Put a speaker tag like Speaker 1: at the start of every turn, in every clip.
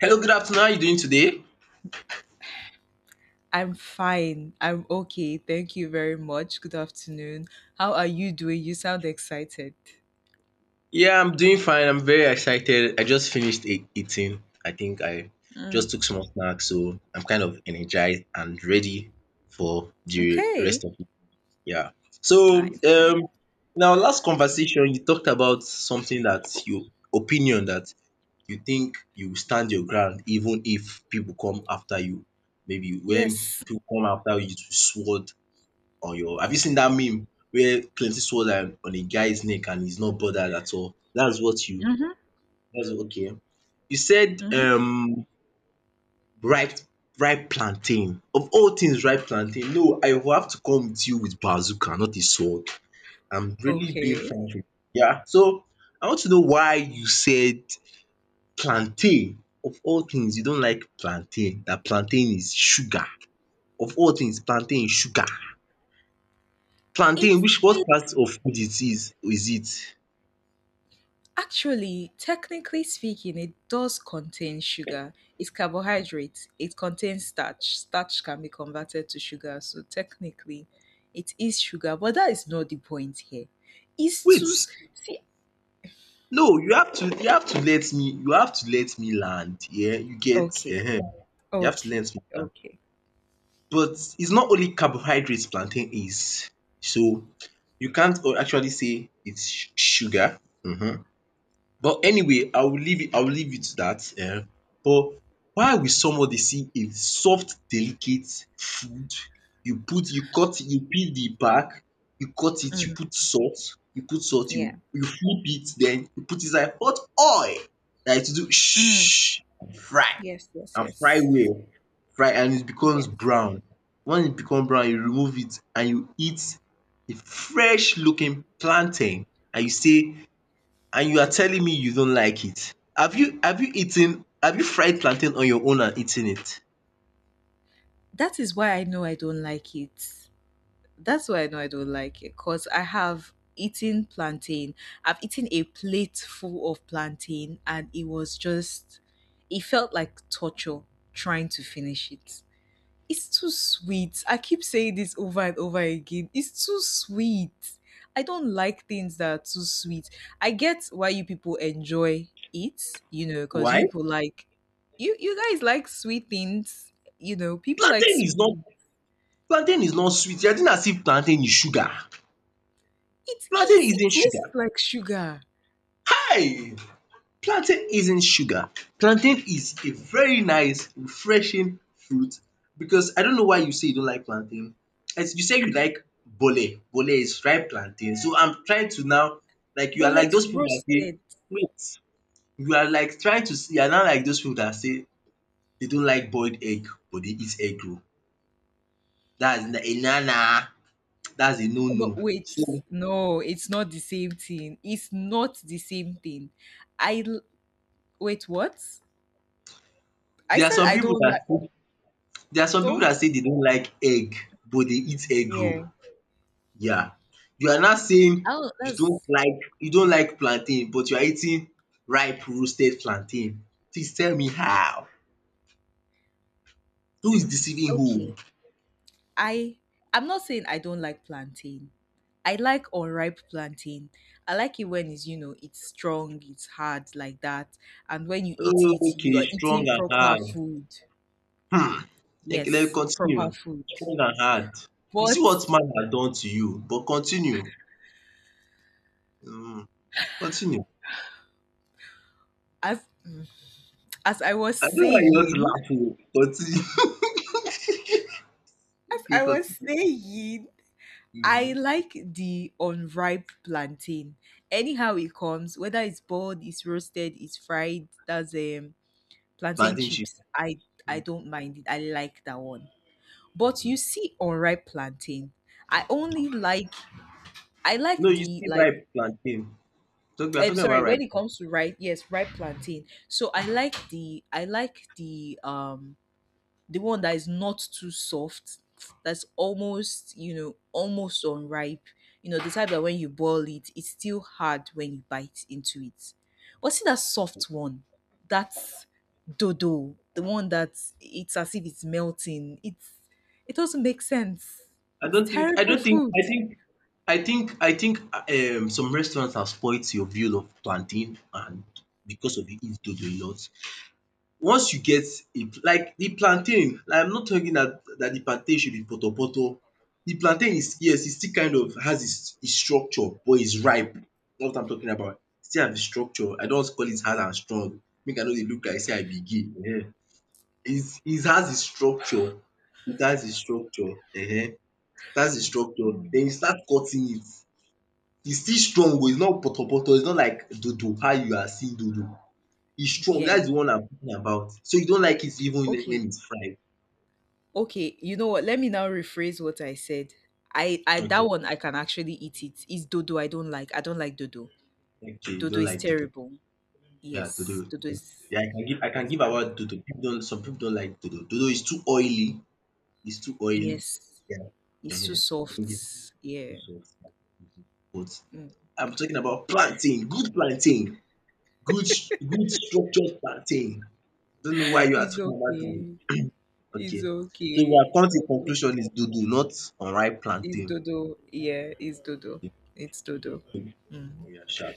Speaker 1: Hello, good afternoon. How are you doing today?
Speaker 2: I'm fine. I'm okay. Thank you very much. Good afternoon. How are you doing? You sound excited.
Speaker 1: Yeah, I'm doing fine. I'm very excited. I just finished eating. I think I
Speaker 2: Mm,
Speaker 1: just took small snacks, so I'm kind of energized and ready for the
Speaker 2: okay.
Speaker 1: rest of it. Yeah. So,
Speaker 2: Nice, nice.
Speaker 1: um, now last conversation you talked about something that you opinion that you think you stand your ground even if people come after you. Maybe when
Speaker 2: Yes.
Speaker 1: people come after you to sword on your, have you seen that meme where plenty sword are on a guy's neck and he's not bothered at all?
Speaker 2: Mm-hmm.
Speaker 1: That's okay. You said
Speaker 2: Mm-hmm.
Speaker 1: ripe ripe plantain. Of all things ripe plantain, no, I will have to come with you with bazooka, not a sword. I'm really being
Speaker 2: Okay.
Speaker 1: frank with you. Yeah. So I want to know why you said plantain. Of all things, you don't like plantain. That plantain is sugar. Of all things, plantain is sugar.
Speaker 2: It,
Speaker 1: Plantain, which what
Speaker 2: it
Speaker 1: part of food it is it?
Speaker 2: actually, technically speaking, it does contain sugar. It's carbohydrate. It contains starch. Starch can be converted to sugar. So technically, it is sugar. But that is not the point here. It's to
Speaker 1: Wait,
Speaker 2: s- see.
Speaker 1: no, you have to let me land, yeah, you get.
Speaker 2: Okay.
Speaker 1: You have to let
Speaker 2: Okay.
Speaker 1: me land,
Speaker 2: Okay.
Speaker 1: but it's not only carbohydrates. Plantain is, so you can't actually say it's sugar. um But anyway, I will leave it. To that. But why will somebody see a soft delicate food, you put, you peel the back, you cut it, you put salt, you
Speaker 2: Yeah.
Speaker 1: you flip it, then you put inside hot oil dat it will do
Speaker 2: Mm.
Speaker 1: shh, fry
Speaker 2: Yes, yes,
Speaker 1: and fry
Speaker 2: yes.
Speaker 1: well, fry and it becomes
Speaker 2: Yes.
Speaker 1: brown. When it become brown you remove it and you eat a fresh looking plantain and you say, and you are telling me you don't like it. Have you fried plantain on your own and eaten it?
Speaker 2: That is why I know I don't like it. That's why I know I don't like it because I have eaten plantain. I've eaten a plate full of plantain and it was just, it felt like torture trying to finish it. It's too sweet. I keep saying this over and over again. It's too sweet. I don't like things that are too sweet. I get why you people enjoy it, you know, because
Speaker 1: Why?
Speaker 2: you guys like sweet things, you know, people like
Speaker 1: Plantain is
Speaker 2: sweet
Speaker 1: not
Speaker 2: things.
Speaker 1: Plantain is not sweet. You are doing as if plantain is sugar.
Speaker 2: It
Speaker 1: Plantain
Speaker 2: is, it
Speaker 1: isn't
Speaker 2: tastes
Speaker 1: sugar.
Speaker 2: like sugar,
Speaker 1: Kai! Plantain isn't sugar. Plantain is a very nice refreshing fruit, because I don't know why you say you don't like plantain. As you say you like bole. Bole is fried plantain. So I'm trying to now, like you
Speaker 2: but
Speaker 1: are like
Speaker 2: let's
Speaker 1: those people dat
Speaker 2: roast
Speaker 1: say
Speaker 2: it.
Speaker 1: wait you are like trying to see, you are not like those people that say they don't like boiled egg but they eat egg roll. dats a na na Dats a no no.
Speaker 2: No, wait.
Speaker 1: So
Speaker 2: No, it's not the same thing. It's not the same thing. I l- wait, what? I
Speaker 1: there are
Speaker 2: said
Speaker 1: some
Speaker 2: I
Speaker 1: pipu
Speaker 2: don't like
Speaker 1: dat there are some people
Speaker 2: don't
Speaker 1: that say they don't like egg but they eat egg
Speaker 2: Yeah.
Speaker 1: roll, ya. You are not saying
Speaker 2: Oh, that's
Speaker 1: you don't like plantain but you are eating ripe roasted plantain. Please tell me how? Who is deceiving who?
Speaker 2: okay. I I'm not saying I don't like plantain. I like unripe plantain. I like it when it's you know it's strong, it's hard like that, and when you eat it, you
Speaker 1: Okay,
Speaker 2: are
Speaker 1: strong
Speaker 2: eating
Speaker 1: and
Speaker 2: proper
Speaker 1: hard.
Speaker 2: food.
Speaker 1: Like
Speaker 2: Yes, proper
Speaker 1: continue,
Speaker 2: food.
Speaker 1: strong and hard. You see
Speaker 2: But
Speaker 1: what man had done to you, but continue. Mm, continue.
Speaker 2: as mm, as I was
Speaker 1: I don't know why you want to
Speaker 2: saying,
Speaker 1: laugh oo. Continue.
Speaker 2: as
Speaker 1: Okay,
Speaker 2: I was
Speaker 1: continue.
Speaker 2: saying, I
Speaker 1: Mhm.
Speaker 2: like the unripe plantain. Anyhow it comes, whether it's boiled, it's roasted, it's fried. That's Plantain
Speaker 1: Plantain chips.
Speaker 2: chips, I
Speaker 1: Mm,
Speaker 2: don't mind it. I like that one. But you
Speaker 1: mhm.
Speaker 2: see unripe plantain, I only like I like
Speaker 1: No, you
Speaker 2: the
Speaker 1: see
Speaker 2: like
Speaker 1: ripe plantain. So we are
Speaker 2: I'm
Speaker 1: talking
Speaker 2: sorry,
Speaker 1: about
Speaker 2: when
Speaker 1: ripe
Speaker 2: it
Speaker 1: plantain.
Speaker 2: comes to ripe, yes, ripe plantain. So I like the one that is not too soft, that's almost, you know, almost unripe. You know, the type that when you boil it, it's still hard when you bite into it. But see that soft one, that's dodo, the one that it's as if it's melting. It doesn't make sense.
Speaker 1: I
Speaker 2: It's
Speaker 1: don't think I
Speaker 2: terrible
Speaker 1: don't think
Speaker 2: food.
Speaker 1: I think some restaurants have spoilt your view of plantain, and because of it, it's doing a lot. Once you get a, like, the plantain, like, I'm not talking that the plantain should be poto poto. The plantain is, yes, it still kind of has its structure but its ripe. That's what I'm talking about. E still have its structure. I do don call it hard and strong, make I no dey look like say I be gay. um. Its It has its structure, it has its structure.
Speaker 2: Mm.
Speaker 1: Then you start cutting it, it's still strong oo, it's not poto poto. It's not like dodo how you are seeing dodo. E strong.
Speaker 2: Yeah.
Speaker 1: That's the one I'm talking about. So you don't like it even when
Speaker 2: Okay.
Speaker 1: it's fried?
Speaker 2: Okay. You know what? Let me now rephrase what I said. I that
Speaker 1: Okay,
Speaker 2: one I can actually eat it. It's dodo I don't like. I don't like dodo.
Speaker 1: okay, you
Speaker 2: Dodo
Speaker 1: don't
Speaker 2: is
Speaker 1: like dodo.
Speaker 2: terrible.
Speaker 1: Yeah,
Speaker 2: Yes,
Speaker 1: dodo.
Speaker 2: Dodo is,
Speaker 1: Yeah, I can give
Speaker 2: is bad.
Speaker 1: about dodo. People don't Some people don't like dodo. Dodo is too oily. It's too oily.
Speaker 2: Yes,
Speaker 1: Yeah. Uh
Speaker 2: it's too
Speaker 1: huh.
Speaker 2: soft.
Speaker 1: Don't give it too
Speaker 2: Yeah.
Speaker 1: soft. Mhm. But
Speaker 2: Mm.
Speaker 1: I'm talking about plantain, good plantain, good good structured plantain. I don't know why you are
Speaker 2: It's
Speaker 1: talking about dodo.
Speaker 2: okay. It's
Speaker 1: Okay. So we
Speaker 2: okay.
Speaker 1: have come to
Speaker 2: Dodo.
Speaker 1: conclusion is dodo, not unripe
Speaker 2: It's
Speaker 1: plantain.
Speaker 2: Dodo. Yeah, it's Dodo. It's Dodo. Mm.
Speaker 1: Yeah, sha.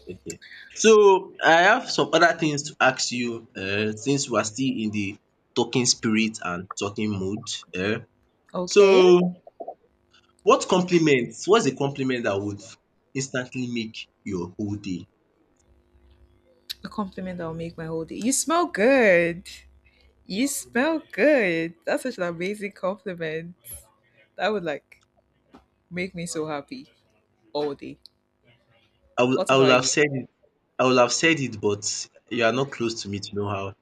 Speaker 1: So I have some other things to ask you, since we are still in the talking spirit and talking mood. um.
Speaker 2: Okay.
Speaker 1: So what compliments? What's a compliment that would instantly make your whole day?
Speaker 2: A compliment that will make my whole day. You smell good. You smell good. That's such an amazing compliment. That would like make me so happy all day.
Speaker 1: I would
Speaker 2: What
Speaker 1: I would
Speaker 2: about
Speaker 1: have
Speaker 2: you?
Speaker 1: said it I would have said it, but you are not close to me to know how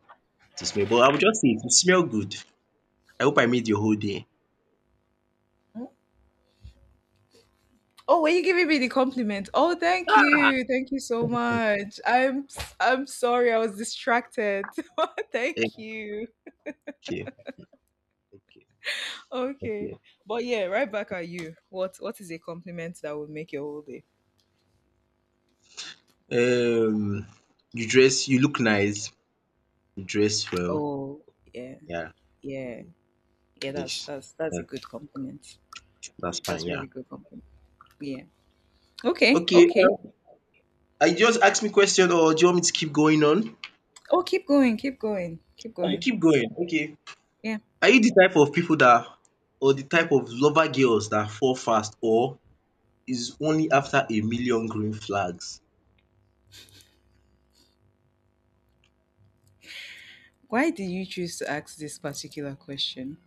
Speaker 1: to smell, but I would just say it, "You smell good. I hope I made your whole day."
Speaker 2: Oh, were you giving me the compliment? Oh, thank
Speaker 1: Ah!
Speaker 2: you. Thank you so much. I'm sorry I was distracted. Thank you.
Speaker 1: Okay, okay,
Speaker 2: Okay.
Speaker 1: okay.
Speaker 2: But yeah, right back at you. What is a compliment that will make your whole day?
Speaker 1: Um you look nice, you dress well,
Speaker 2: Oh, yeah.
Speaker 1: yeah.
Speaker 2: Yeah. Yeah, that's
Speaker 1: Yes.
Speaker 2: that's that's
Speaker 1: Yeah,
Speaker 2: a good compliment.
Speaker 1: that's fine.
Speaker 2: That's a
Speaker 1: Yeah.
Speaker 2: really good compliment. Yeah. Okay.
Speaker 1: Okay.
Speaker 2: Okay.
Speaker 1: Are you just ask me question or do you want me to keep going on?
Speaker 2: Oh, keep going. Keep going. Keep
Speaker 1: I should
Speaker 2: going.
Speaker 1: keep going. Okay.
Speaker 2: Yeah.
Speaker 1: Are you the type of people that, or the type of lover girls that fall fast, or is only after a million green flags?
Speaker 2: Why did you choose to ask this particular question?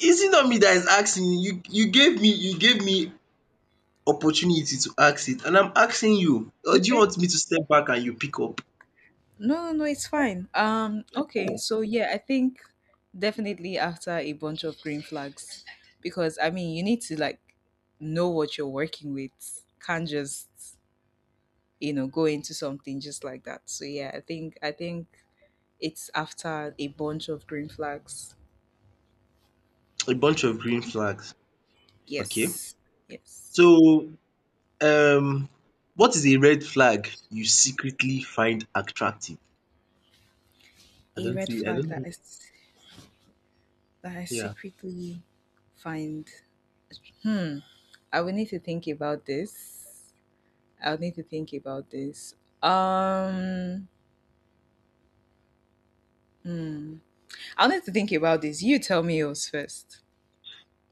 Speaker 1: Is it not me that is asking you? You gave me, opportunity to ask it and I'm asking you. Or do you
Speaker 2: Okay.
Speaker 1: want me to step back and you pick up?
Speaker 2: No, it's fine. Okay,
Speaker 1: Hmm,
Speaker 2: so yeah, I think definitely after a bunch of green flags, because I mean, you need to like know what you're working with. Can't just you know go into something just like that. So yeah, I think it's after a bunch of green flags.
Speaker 1: a bunch of green
Speaker 2: Okay.
Speaker 1: flags. Okay.
Speaker 2: Yes, yes,
Speaker 1: So, Um, what is a red flag you secretly find attractive? I
Speaker 2: a
Speaker 1: don't
Speaker 2: red
Speaker 1: see, I
Speaker 2: flag
Speaker 1: don't
Speaker 2: that I
Speaker 1: know.
Speaker 2: s- that I
Speaker 1: Yeah.
Speaker 2: secretly find. Hmm, I will need to think about this. I'll need to think about this. Um, hmm. I'll need to think about this. You tell me yours first.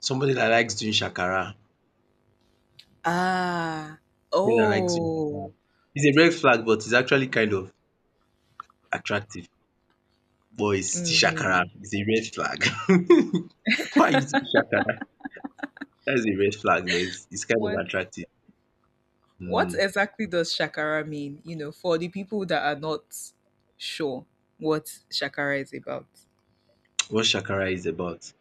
Speaker 1: Somebody that likes doing shakara.
Speaker 2: Ah,
Speaker 1: Somebody that likes doing
Speaker 2: oh,
Speaker 1: shakara. It's a red flag, but it's actually kind of attractive. But it's still
Speaker 2: mm-hmm.
Speaker 1: shakara. It's a red flag. Why are you doing shakara? That's a red flag, but it's kind of
Speaker 2: What
Speaker 1: attractive.
Speaker 2: what
Speaker 1: Mm.
Speaker 2: exactly does Shakara mean? You know, for the people that are not sure what Shakara is about.
Speaker 1: What shakara is about?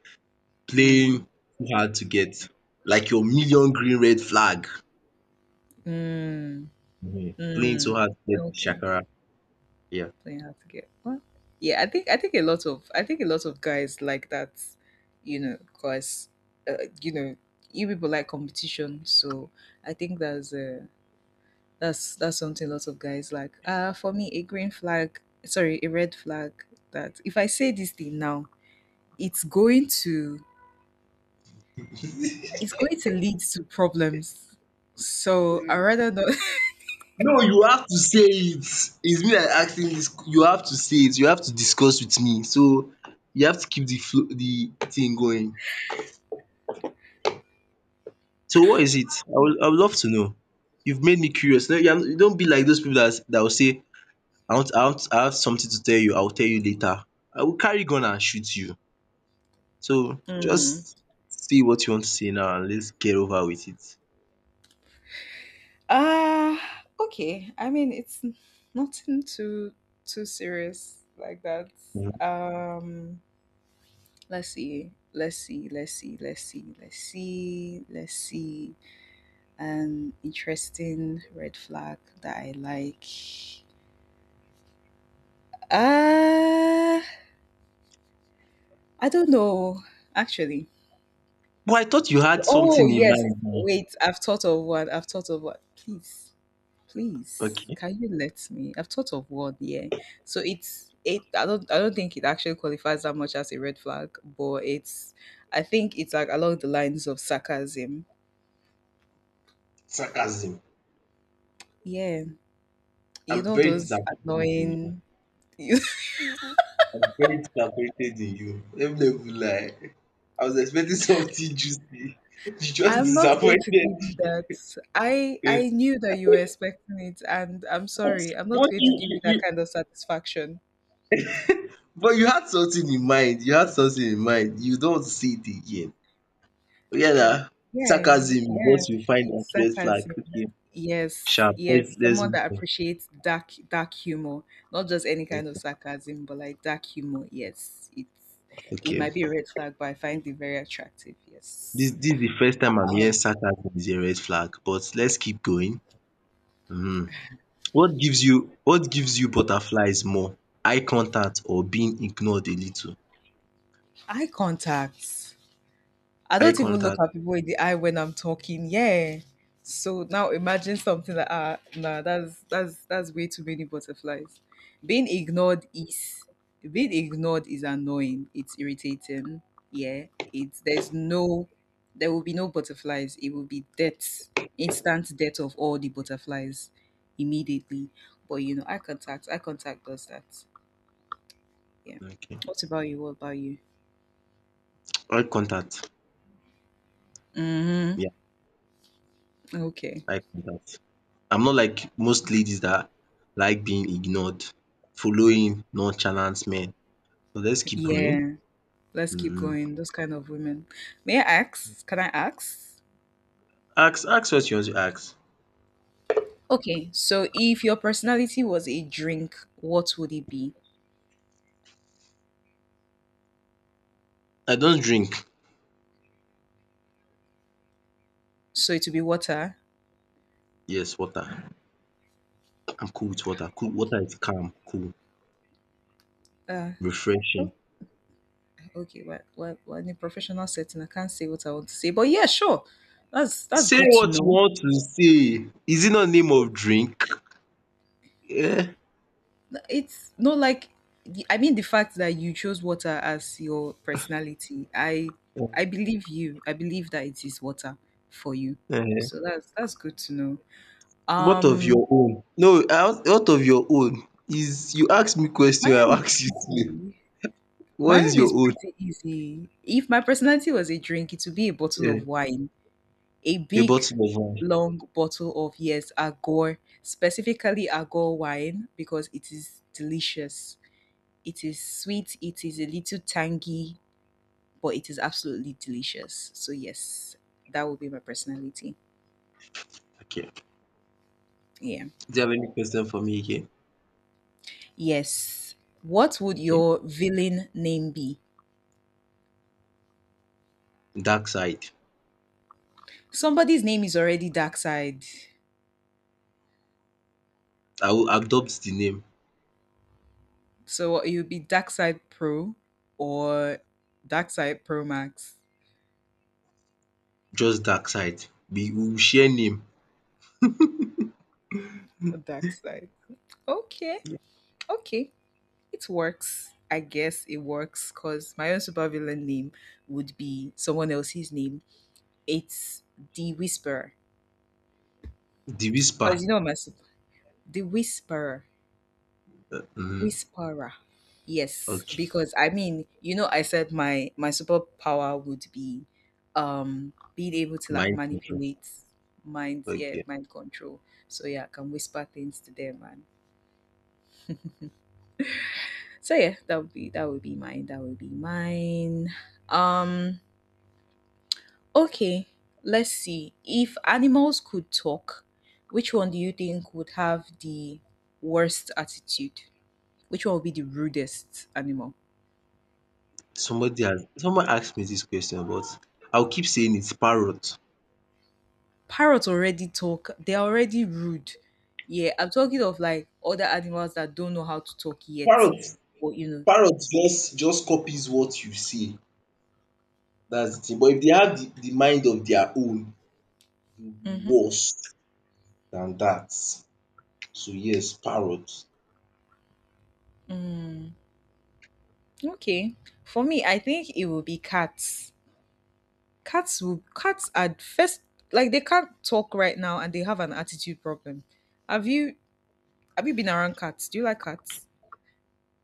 Speaker 1: Playing
Speaker 2: Mm-hmm.
Speaker 1: too hard to get. Like your million green red flag.
Speaker 2: Mm,
Speaker 1: Mhm. Playing
Speaker 2: mm,
Speaker 1: too hard to get
Speaker 2: okay.
Speaker 1: shakara. Yeah.
Speaker 2: Playing hard to get what? Yeah, I think a lot of I think a lot of guys like that, you know, because you know you people like competition, so I think that's that's something lots of guys like. For me, a green flag, sorry, a red flag. That if I say this thing now, it's going to it's going to lead to problems. So I rather not.
Speaker 1: No, you have to say it. It's me that asking this. You have to say it. You have to discuss with me, so you have to keep the flow, the thing going. So what is it? I would love to know. You've made me curious. No, you don't be like those people that will say, "I want, I want, I have something to tell you, I will tell you later, I will carry gun and shoot you." So just see what you want to say now and let's get over with it.
Speaker 2: Uh okay. Nothing too serious like that.
Speaker 1: Mhm.
Speaker 2: Um let's see. Let's see, let's see, let's see, let's see, let's see. An interesting red flag that I like. Uh I don't know, actually.
Speaker 1: But I thought you had
Speaker 2: Oh
Speaker 1: something in
Speaker 2: yes,
Speaker 1: mind now?
Speaker 2: wait, I've thought of one. I've thought of one. Please. Please,
Speaker 1: Okay.
Speaker 2: can you let me? I've thought of one, yeah. So it's it. I don't. I don't think it actually qualifies that much as a red flag, but it's. I think it's like along the lines of sarcasm.
Speaker 1: Sarcasm.
Speaker 2: Yeah, you
Speaker 1: I'm
Speaker 2: know
Speaker 1: very
Speaker 2: those
Speaker 1: disappointed in you.
Speaker 2: annoying.
Speaker 1: I very disappointed in you. Let me not even lie. I was expecting something juicy. You just
Speaker 2: I'm not going to give you
Speaker 1: disappointed
Speaker 2: that. I
Speaker 1: me.
Speaker 2: I knew that you were expecting it, and I'm
Speaker 1: But
Speaker 2: sorry. I'm not
Speaker 1: but
Speaker 2: going to give you that kind of satisfaction.
Speaker 1: you had something in mind. You had something in mind. You don't see it again. Yeah, nah.
Speaker 2: Yeah,
Speaker 1: Sarcasm is
Speaker 2: yeah.
Speaker 1: what you find as
Speaker 2: It's
Speaker 1: red flag.
Speaker 2: sarcasm.
Speaker 1: Okay,
Speaker 2: Yes,
Speaker 1: sharp. Let's
Speaker 2: yes,
Speaker 1: let's
Speaker 2: someone
Speaker 1: move
Speaker 2: that appreciates dark humor, not just any
Speaker 1: on.
Speaker 2: kind of sarcasm, but like dark humor. Yes, it's it
Speaker 1: Okay.
Speaker 2: might be a red flag, but I find it very attractive.
Speaker 1: This
Speaker 2: Yes.
Speaker 1: this is the first time I'm
Speaker 2: Um,
Speaker 1: hearing sarcasm is a red flag. But let's keep going. Mhm. What gives you butterflies more? Eye contact or being ignored a little?
Speaker 2: eye contact. I
Speaker 1: Eye
Speaker 2: don't even look
Speaker 1: contact,
Speaker 2: at people in the eye when I'm talking. Yeah. So now imagine something like ah nah that's that's way too many butterflies. Being ignored is being ignored is annoying. It's irritating. Yeah. It's there's no there will be no butterflies. It will be death, instant death of all the butterflies immediately. But you know, eye contact does that. Yeah.
Speaker 1: okay.
Speaker 2: What about you? What about you?
Speaker 1: Eye contact,
Speaker 2: Mm-hmm.
Speaker 1: yeah,
Speaker 2: Okay.
Speaker 1: eye contact. I'm not like most ladies that like being ignored, following nonchalant men. So let's keep going.
Speaker 2: Yeah. Let's keep
Speaker 1: Mhm.
Speaker 2: going. Those kind of women. May I ask? Can I ask?
Speaker 1: Ask what you want to ask.
Speaker 2: Okay, so if your personality was a drink, what would it be?
Speaker 1: I don't drink.
Speaker 2: So it would be water.
Speaker 1: Yes, water. I'm cool with water. Cool,
Speaker 2: Okay.
Speaker 1: water is calm, cool,
Speaker 2: Uh, oh,
Speaker 1: refreshing.
Speaker 2: okay, well, in a professional setting, I can't say what I want to say, but yeah, sure. That's
Speaker 1: Say
Speaker 2: good to
Speaker 1: what you
Speaker 2: know.
Speaker 1: want to say. Is it not name of drink? Yeah.
Speaker 2: It's not like the- I mean the fact that you chose water as your personality. I believe you. I believe that it is water for you.
Speaker 1: um
Speaker 2: So that's good to know.
Speaker 1: What of
Speaker 2: Um
Speaker 1: your own? No, I want, what of your own is you ask me
Speaker 2: My
Speaker 1: question, I will
Speaker 2: own is
Speaker 1: ask you.
Speaker 2: easy. My
Speaker 1: What is
Speaker 2: own is
Speaker 1: your own?
Speaker 2: pretty easy. If my personality was a drink, it would be a bottle of
Speaker 1: Eh,
Speaker 2: wine, a
Speaker 1: a
Speaker 2: big,
Speaker 1: bottle of wine.
Speaker 2: long bottle of, yes, Agor, specifically Agor wine, because it is delicious. It is sweet, it is a little tangy, but it is absolutely delicious. So, yes, that would be my personality.
Speaker 1: Okay.
Speaker 2: Yeah.
Speaker 1: Do you have any question for me again?
Speaker 2: Yes. What would
Speaker 1: Okay.
Speaker 2: your villain name be?
Speaker 1: Dark Side.
Speaker 2: Somebody's name is already Dark Side.
Speaker 1: I will adopt the name.
Speaker 2: So what, it would be Dark Side Pro or Dark Side Pro Max.
Speaker 1: Just Dark Side. We will share name.
Speaker 2: Dark Side. Okay. Okay. It works. I guess it works because my own supervillain name would be someone else's name. It's the Whisperer.
Speaker 1: The
Speaker 2: Because
Speaker 1: Whisper.
Speaker 2: you know my super the Whisperer.
Speaker 1: Mm-hmm.
Speaker 2: Whisperer. Yes,
Speaker 1: Okay.
Speaker 2: because I mean, you know, I said my superpower would be being able to like
Speaker 1: Mind control.
Speaker 2: manipulate minds, yeah,
Speaker 1: Okay.
Speaker 2: mind control. So yeah, I can whisper things to them man. So yeah, that would be mine. That would be mine. Um okay, let's see. If animals could talk, which one do you think would have the worst attitude? Which one would be the rudest animal?
Speaker 1: Somebody has Someone asked me this question, but I'll keep saying it's parrot.
Speaker 2: Parrots already talk. They're already rude. Yeah, I'm talking of like other animals that don't know how to talk yet,
Speaker 1: Parrot.
Speaker 2: or you
Speaker 1: Parrot just copies what you say. That's the thing. But if they have the mind of their own, it will
Speaker 2: know.
Speaker 1: be
Speaker 2: Mm-hmm.
Speaker 1: worse than that. So yes, parrot.
Speaker 2: Mm. Okay. For me, I think it will be cats. Cats will cats are first like they can't talk right now and they have an attitude problem. Have you have you been around cats? Do you like cats?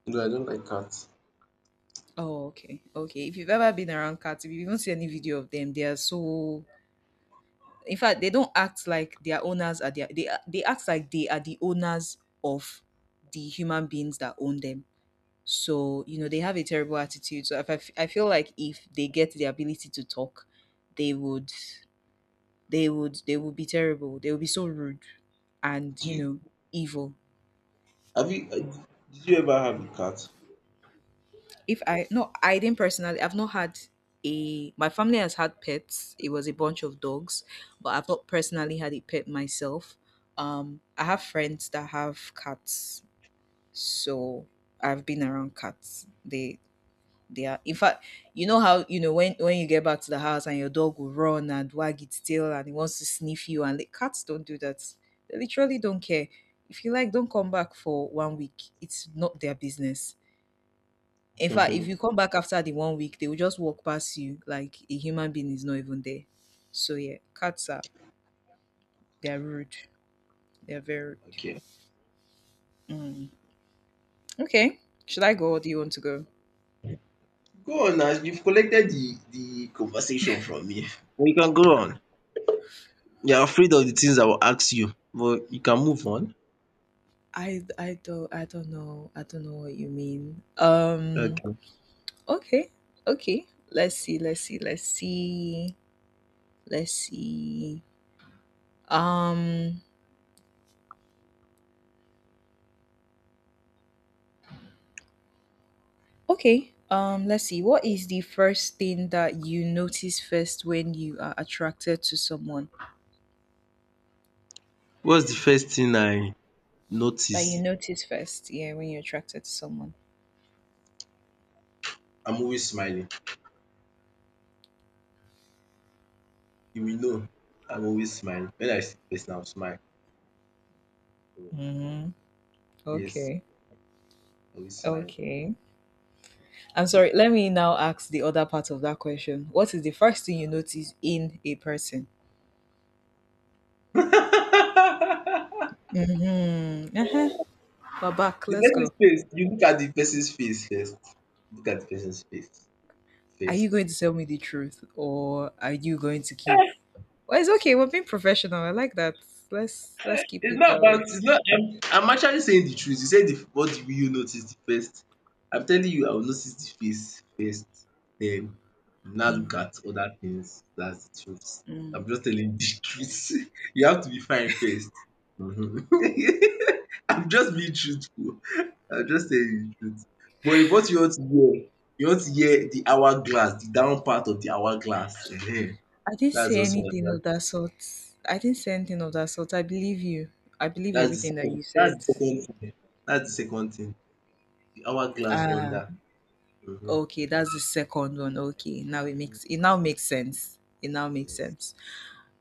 Speaker 1: No, I don't like cats.
Speaker 2: Oh, okay. Okay. If you've ever been around cats, if you even see any video of them, they are so in fact, they don't act like their owners are their they act like they are the owners of the human beings that own them. So you know they have a terrible attitude. So if I, f- I feel like if they get the ability to talk, they would they would they would be terrible. They would be so rude and
Speaker 1: Do
Speaker 2: you
Speaker 1: you
Speaker 2: know evil.
Speaker 1: have you Did you ever have a cat?
Speaker 2: If I no, I didn't personally. I've not had a. My family has had pets. It was a bunch of dogs, but I've not personally had a pet myself. I have friends that have cats so I've been around cats. They are in fact, you know how you know when you get back to the house and your dog will run and wag its tail and it wants to sniff you and the cats don't do that. They literally don't care. If you like, don't come back for one week. It's not their business. In fact, if you come back after the one week, they will just walk past you like a human being is not even there. So yeah, cats are they are rude. They are very rude.
Speaker 1: Okay.
Speaker 2: Mm. Okay. Should I go or do you want to go?
Speaker 1: Go on now. You've collected the conversation from me. Well, you can go on. You're afraid of the things I will ask you, but you can move on.
Speaker 2: I don't know. I don't know what you mean.
Speaker 1: Okay.
Speaker 2: Okay. Okay. Let's see. Let's see. Let's see. Let's see. Um okay. Let's see. What is the first thing that you notice first when you are attracted to someone?
Speaker 1: What's the first thing I
Speaker 2: That you
Speaker 1: notice?
Speaker 2: notice first, yeah, when you're attracted to someone.
Speaker 1: I'm always smiling. You will know. I'm always smiling. When I see the person, I'll smile. So
Speaker 2: Mm-hmm.
Speaker 1: yes,
Speaker 2: Okay.
Speaker 1: always smiling.
Speaker 2: Okay. I'm sorry. Let me now ask the other part of that question. What is the first thing you notice in a person? Mm-hmm. Uh-huh. We're back.
Speaker 1: The
Speaker 2: Let's
Speaker 1: person's
Speaker 2: go.
Speaker 1: face. You look at the person's face first. Look at the person's face
Speaker 2: Are you
Speaker 1: first.
Speaker 2: going to tell me the truth, or are you going to keep? Well, it's okay. We're being professional. I like that. Let's keep
Speaker 1: It's
Speaker 2: it
Speaker 1: not
Speaker 2: that
Speaker 1: about
Speaker 2: way.
Speaker 1: it's not I'm actually saying the truth. You said, the what will you notice the first? I'm telling you I will notice the face first, then now look
Speaker 2: Mm,
Speaker 1: at other things. That's the truth.
Speaker 2: mm.
Speaker 1: I'm just telling the truth. You have to be fine first. Mhm. I'm just being truthful. I'm just telling the truth. But if what you want to hear, you want to hear the hourglass, the down part of the hourglass, ehen,
Speaker 2: I didn't say
Speaker 1: that's also
Speaker 2: anything
Speaker 1: one.
Speaker 2: of that sort. I didn't say anything of that sort. I believe you. I believe everything that you
Speaker 1: That's
Speaker 2: said.
Speaker 1: the second thing. That's the second thing. The hourglass
Speaker 2: Ah,
Speaker 1: wonder. Mhm.
Speaker 2: okay. That's the second one. Okay, now it makes it now makes sense. It now makes
Speaker 1: Yes.
Speaker 2: sense.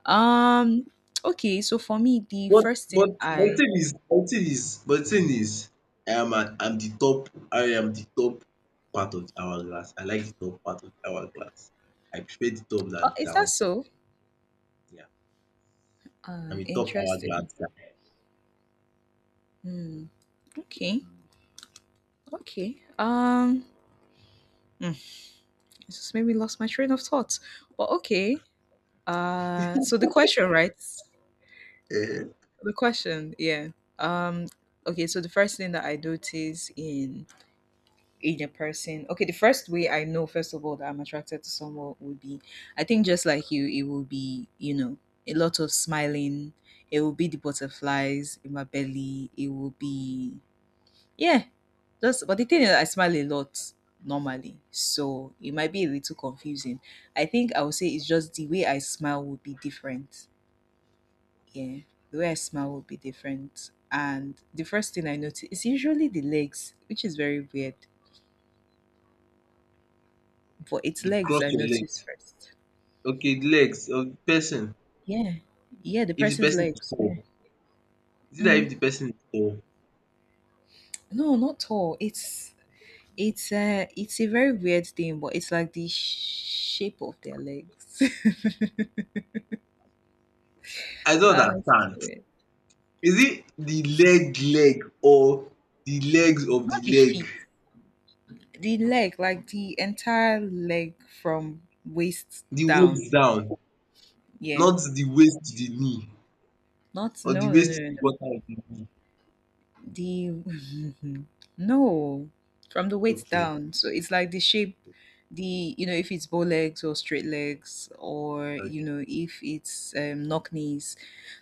Speaker 2: Um, okay. So for me, the
Speaker 1: But
Speaker 2: first thing
Speaker 1: but
Speaker 2: I
Speaker 1: my thing is but thing is, I am the top part of the hourglass. I like the top part of the hourglass. I prefer the top
Speaker 2: oh,
Speaker 1: than the
Speaker 2: is that
Speaker 1: down.
Speaker 2: so?
Speaker 1: Yeah. I'm a top
Speaker 2: Interesting.
Speaker 1: hourglass
Speaker 2: Okay. Okay. Mm, it just made me lost my train of thought. Well, okay. So the question, right?
Speaker 1: guy.
Speaker 2: The question, yeah. Um, okay. So the first thing that I notice in a person, okay, the first way I know, first of all, that I'm attracted to someone would be, I think, just like you, it will be, a lot of smiling. It will be the butterflies in my belly. It will be yeah, that's but the thing is I smile a lot normally, so it might be a little confusing. I think I would say it's just the way I smile would be different. Yeah, the way I smile would be different. And the first thing I notice is usually the legs, which is very weird. But it's
Speaker 1: You
Speaker 2: legs
Speaker 1: cross
Speaker 2: I
Speaker 1: your
Speaker 2: notice
Speaker 1: legs.
Speaker 2: first.
Speaker 1: Okay, the legs of the person.
Speaker 2: Yeah, yeah, the
Speaker 1: If the
Speaker 2: person's
Speaker 1: person is
Speaker 2: legs. Yeah.
Speaker 1: tall, is it that, if
Speaker 2: Mm.
Speaker 1: the person is tall?
Speaker 2: No, not tall. It's a very weird thing, but it's like the shape of their legs.
Speaker 1: I don't
Speaker 2: Ah, it's so
Speaker 1: understand.
Speaker 2: weird.
Speaker 1: Is it the leg leg or the legs of the
Speaker 2: Not the
Speaker 1: leg?
Speaker 2: feet, the leg, like the entire leg from waist
Speaker 1: The
Speaker 2: down.
Speaker 1: waist down.
Speaker 2: Yeah.
Speaker 1: Not the waist, to the knee,
Speaker 2: Not
Speaker 1: or the
Speaker 2: no no no
Speaker 1: waist, to
Speaker 2: no.
Speaker 1: the
Speaker 2: No.
Speaker 1: quarter of the knee.
Speaker 2: The no. From the waist
Speaker 1: Okay,
Speaker 2: down. So it's like the shape the you know if it's bow legs or straight legs or you
Speaker 1: okay.
Speaker 2: know if it's knock knees,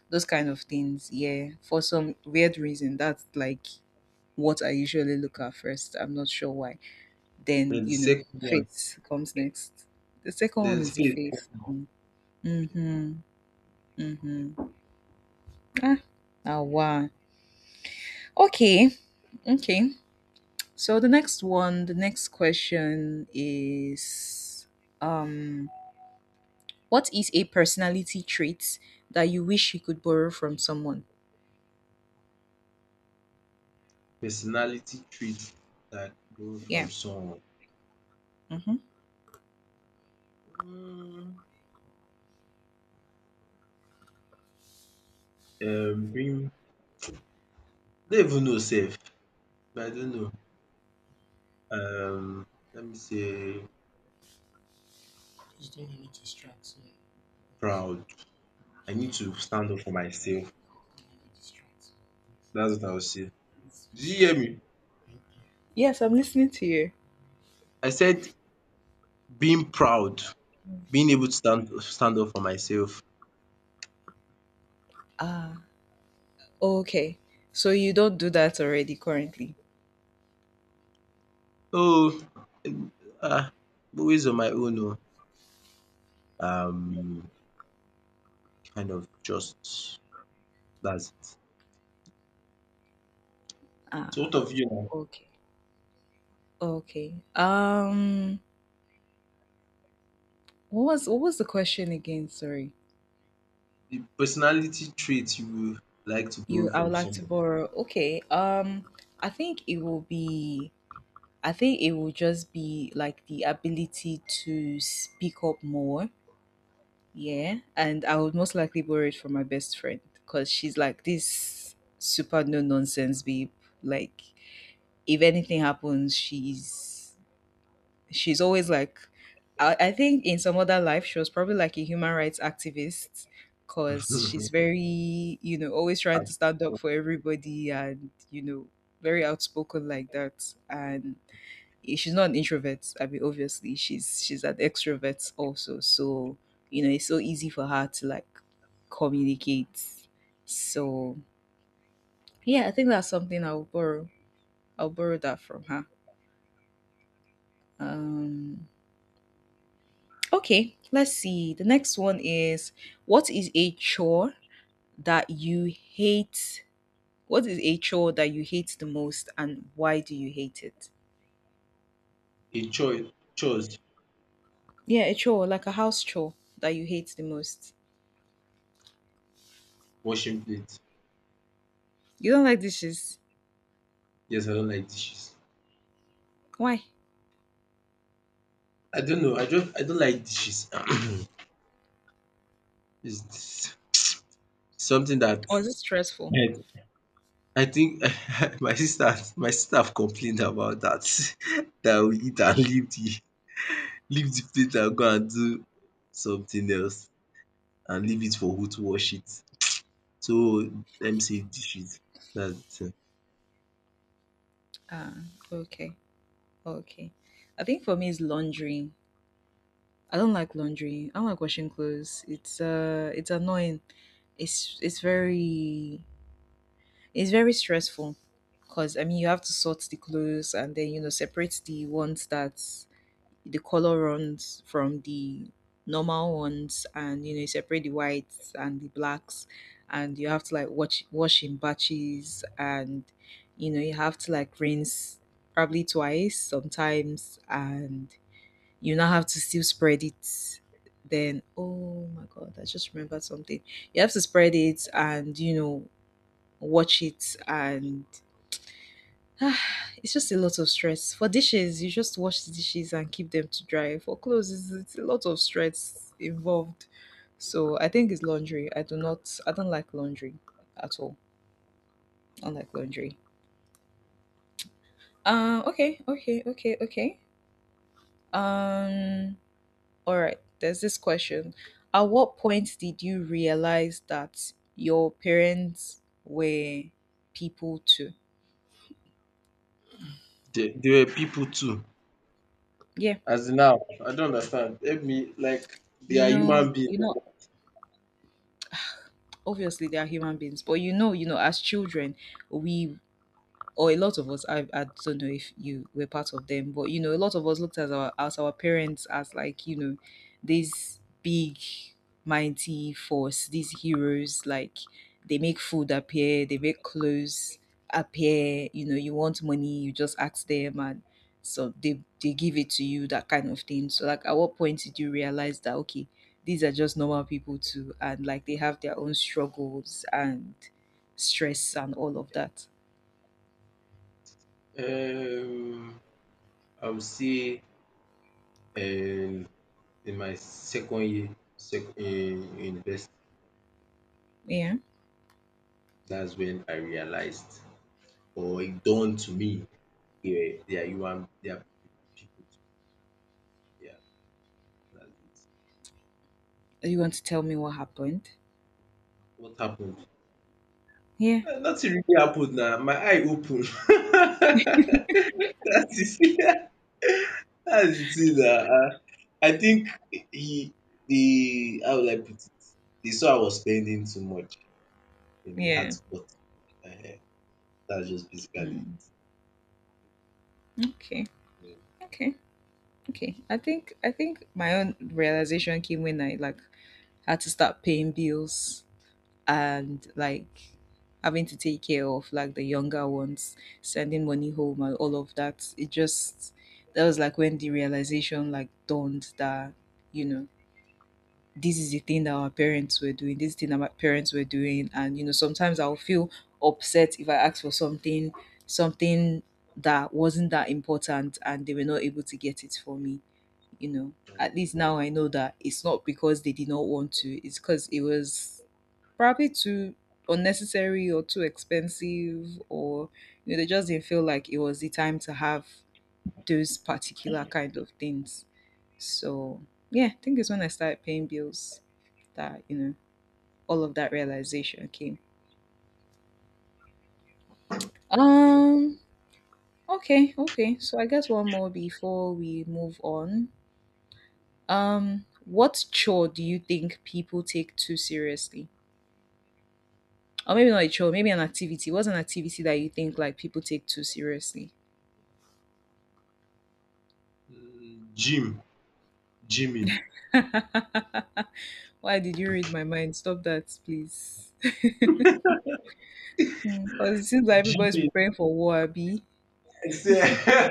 Speaker 2: those kind of things. Yeah, for some weird reason that's like what I usually look at first. I'm not sure why. Then,
Speaker 1: Then the
Speaker 2: you know,
Speaker 1: second one,
Speaker 2: faith comes next. The second one
Speaker 1: then
Speaker 2: is the
Speaker 1: faith.
Speaker 2: faith one. Mhm. Mhm. Ah. Ah, wow. Okay. Okay. So the next one, the next question is um what is a personality trait that you wish you could borrow from someone?
Speaker 1: Personality traits that borrow from
Speaker 2: Yeah.
Speaker 1: someone.
Speaker 2: Mhm.
Speaker 1: Hmm, being I don't even know sef, I don't know. Um Let me say proud. I need to stand up for myself. That's what I would say. Did you hear me?
Speaker 2: Yes, I'm listening to you.
Speaker 1: I said being proud, being able to stand up for myself.
Speaker 2: Ah, okay. So you don't do that already currently.
Speaker 1: Oh, um ah always on my own oh. um Kind of just, that's it.
Speaker 2: Ah,
Speaker 1: So what of you now?
Speaker 2: okay. Okay. What was what was the question again? Sorry.
Speaker 1: The personality trait you would like to
Speaker 2: You
Speaker 1: borrow
Speaker 2: I would
Speaker 1: from
Speaker 2: like to
Speaker 1: someone.
Speaker 2: borrow. Okay. I think it will be I think it will just be like the ability to speak up more. Yeah. And I would most likely borrow it from my best friend because she's like this super no nonsense babe. Like if anything happens, she's always like I think in some other life she was probably like a human rights activist because she's very you know always trying to
Speaker 1: At
Speaker 2: stand up for everybody, and you know very outspoken like that. And she's not an introvert. I mean obviously she's an extrovert also, so you know it's so easy for her to like communicate. So yeah, I think that's something I'll borrow that from her. um Okay, let's see. The next one is what is a chore that you hate? What is a chore that you hate the most and why do you hate it?
Speaker 1: a choice, chores,
Speaker 2: Yeah, a chore, like a house chore that you hate the most.
Speaker 1: washing plate.
Speaker 2: You don't like dishes.
Speaker 1: Yes, I don't like dishes.
Speaker 2: Why?
Speaker 1: I don't know. I don't like dishes. It's something that
Speaker 2: Or is it stressful?
Speaker 1: I, I think. My sister have complained about that, that we eat and leave the plate and go and do something else and leave it for who to wash it. So, let me say dishes, that's the thing.
Speaker 2: Ah, okay. Okay. I think for me it's laundry. I don't like laundry. I don't like washing clothes. It's annoying. It's very it's very stressful because I mean you have to sort the clothes and then you know separate the ones that the color runs from the normal ones, and you know you separate the whites and the blacks, and you have to like watch wash in batches, and you know you have to like rinse probably twice sometimes, and you now have to still spread it. Then oh my god, I just remembered something. You have to spread it and you know watch it and ah, it's just a lot of stress. For dishes, you just wash the dishes and keep them to dry. For clothes, it's a lot of stress involved. So I think it's laundry. I do not. I don't like laundry at all. I don't like laundry. Okay. Okay. Okay. Okay. Um. All right. There's this question. At what point did you realize that your parents were people too?
Speaker 1: There were people too.
Speaker 2: Yeah.
Speaker 1: As in how? I don't understand. Help me, like they
Speaker 2: You
Speaker 1: are
Speaker 2: know.
Speaker 1: human beings.
Speaker 2: You know, obviously they are human beings, but you know as children we or a lot of us I don't know if you were part of them, but you know a lot of us looked at our as our parents as like you know these big mighty force, these heroes, like they make food appear, they make clothes appear. You know you want money, you just ask them, and so they give it to you, that kind of thing. So like at what point did you realize that okay, these are just normal people too, and like they have their own struggles and stress and all of that.
Speaker 1: Um I would say um in my second year, sec in university,
Speaker 2: Yeah.
Speaker 1: that's when I realized, or it dawned to me. Yeah, they are human, they are people too. Yeah, that's it.
Speaker 2: You want to tell me what happened?
Speaker 1: What happened?
Speaker 2: Yeah.
Speaker 1: Eh, nothing really happened na. My eye opened. That is That's the thing na. I think, he the how will I put it? They saw I was spending too much and he had
Speaker 2: Yeah.
Speaker 1: to cut. um That's just basically
Speaker 2: Mm. Okay.
Speaker 1: it.
Speaker 2: Okay. Okay. I think my own realization came when I like had to start paying bills and like having to take care of like the younger ones, sending money home and all of that. It just that was like when the realization like dawned that, you know, this is the thing that our parents were doing, this thing that my parents were doing. And you know, sometimes I'll feel upset if I ask for something, something that wasn't that important and they were not able to get it for me, you know. At least now I know that it's not because they did not want to, it's because it was probably too unnecessary or too expensive, or you know, they just didn't feel like it was the time to have those particular kind of things. So yeah, I think it's when I started paying bills that you know all of that realization came.
Speaker 1: Okay.
Speaker 2: Um. Okay. Okay. So I guess one more before we move on. What chore do you think people take too seriously? Or maybe not a chore. Maybe an activity. What's an activity that you think like people take too seriously?
Speaker 1: Gym, gymming,
Speaker 2: Why did you read my mind? Stop that, please. Because it seems like everybody's
Speaker 1: gymming.
Speaker 2: preparing for war, Abi.
Speaker 1: I say.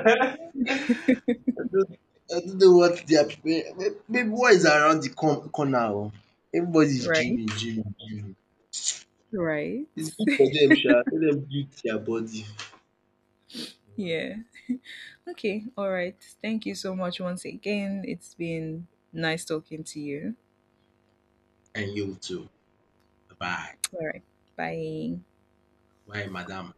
Speaker 1: I don't I don't know what they are preparing. Maybe what is around the corner oo. Everybody is
Speaker 2: Right?
Speaker 1: Jimmy, Jimmy, gymming.
Speaker 2: Right.
Speaker 1: It's good for them, sha. Let them build their body. um
Speaker 2: Yeah. Okay. All right. Thank you so much once again. It's been nice talking to you.
Speaker 1: And you too. Bye.
Speaker 2: All right. Bye.
Speaker 1: Bye madam.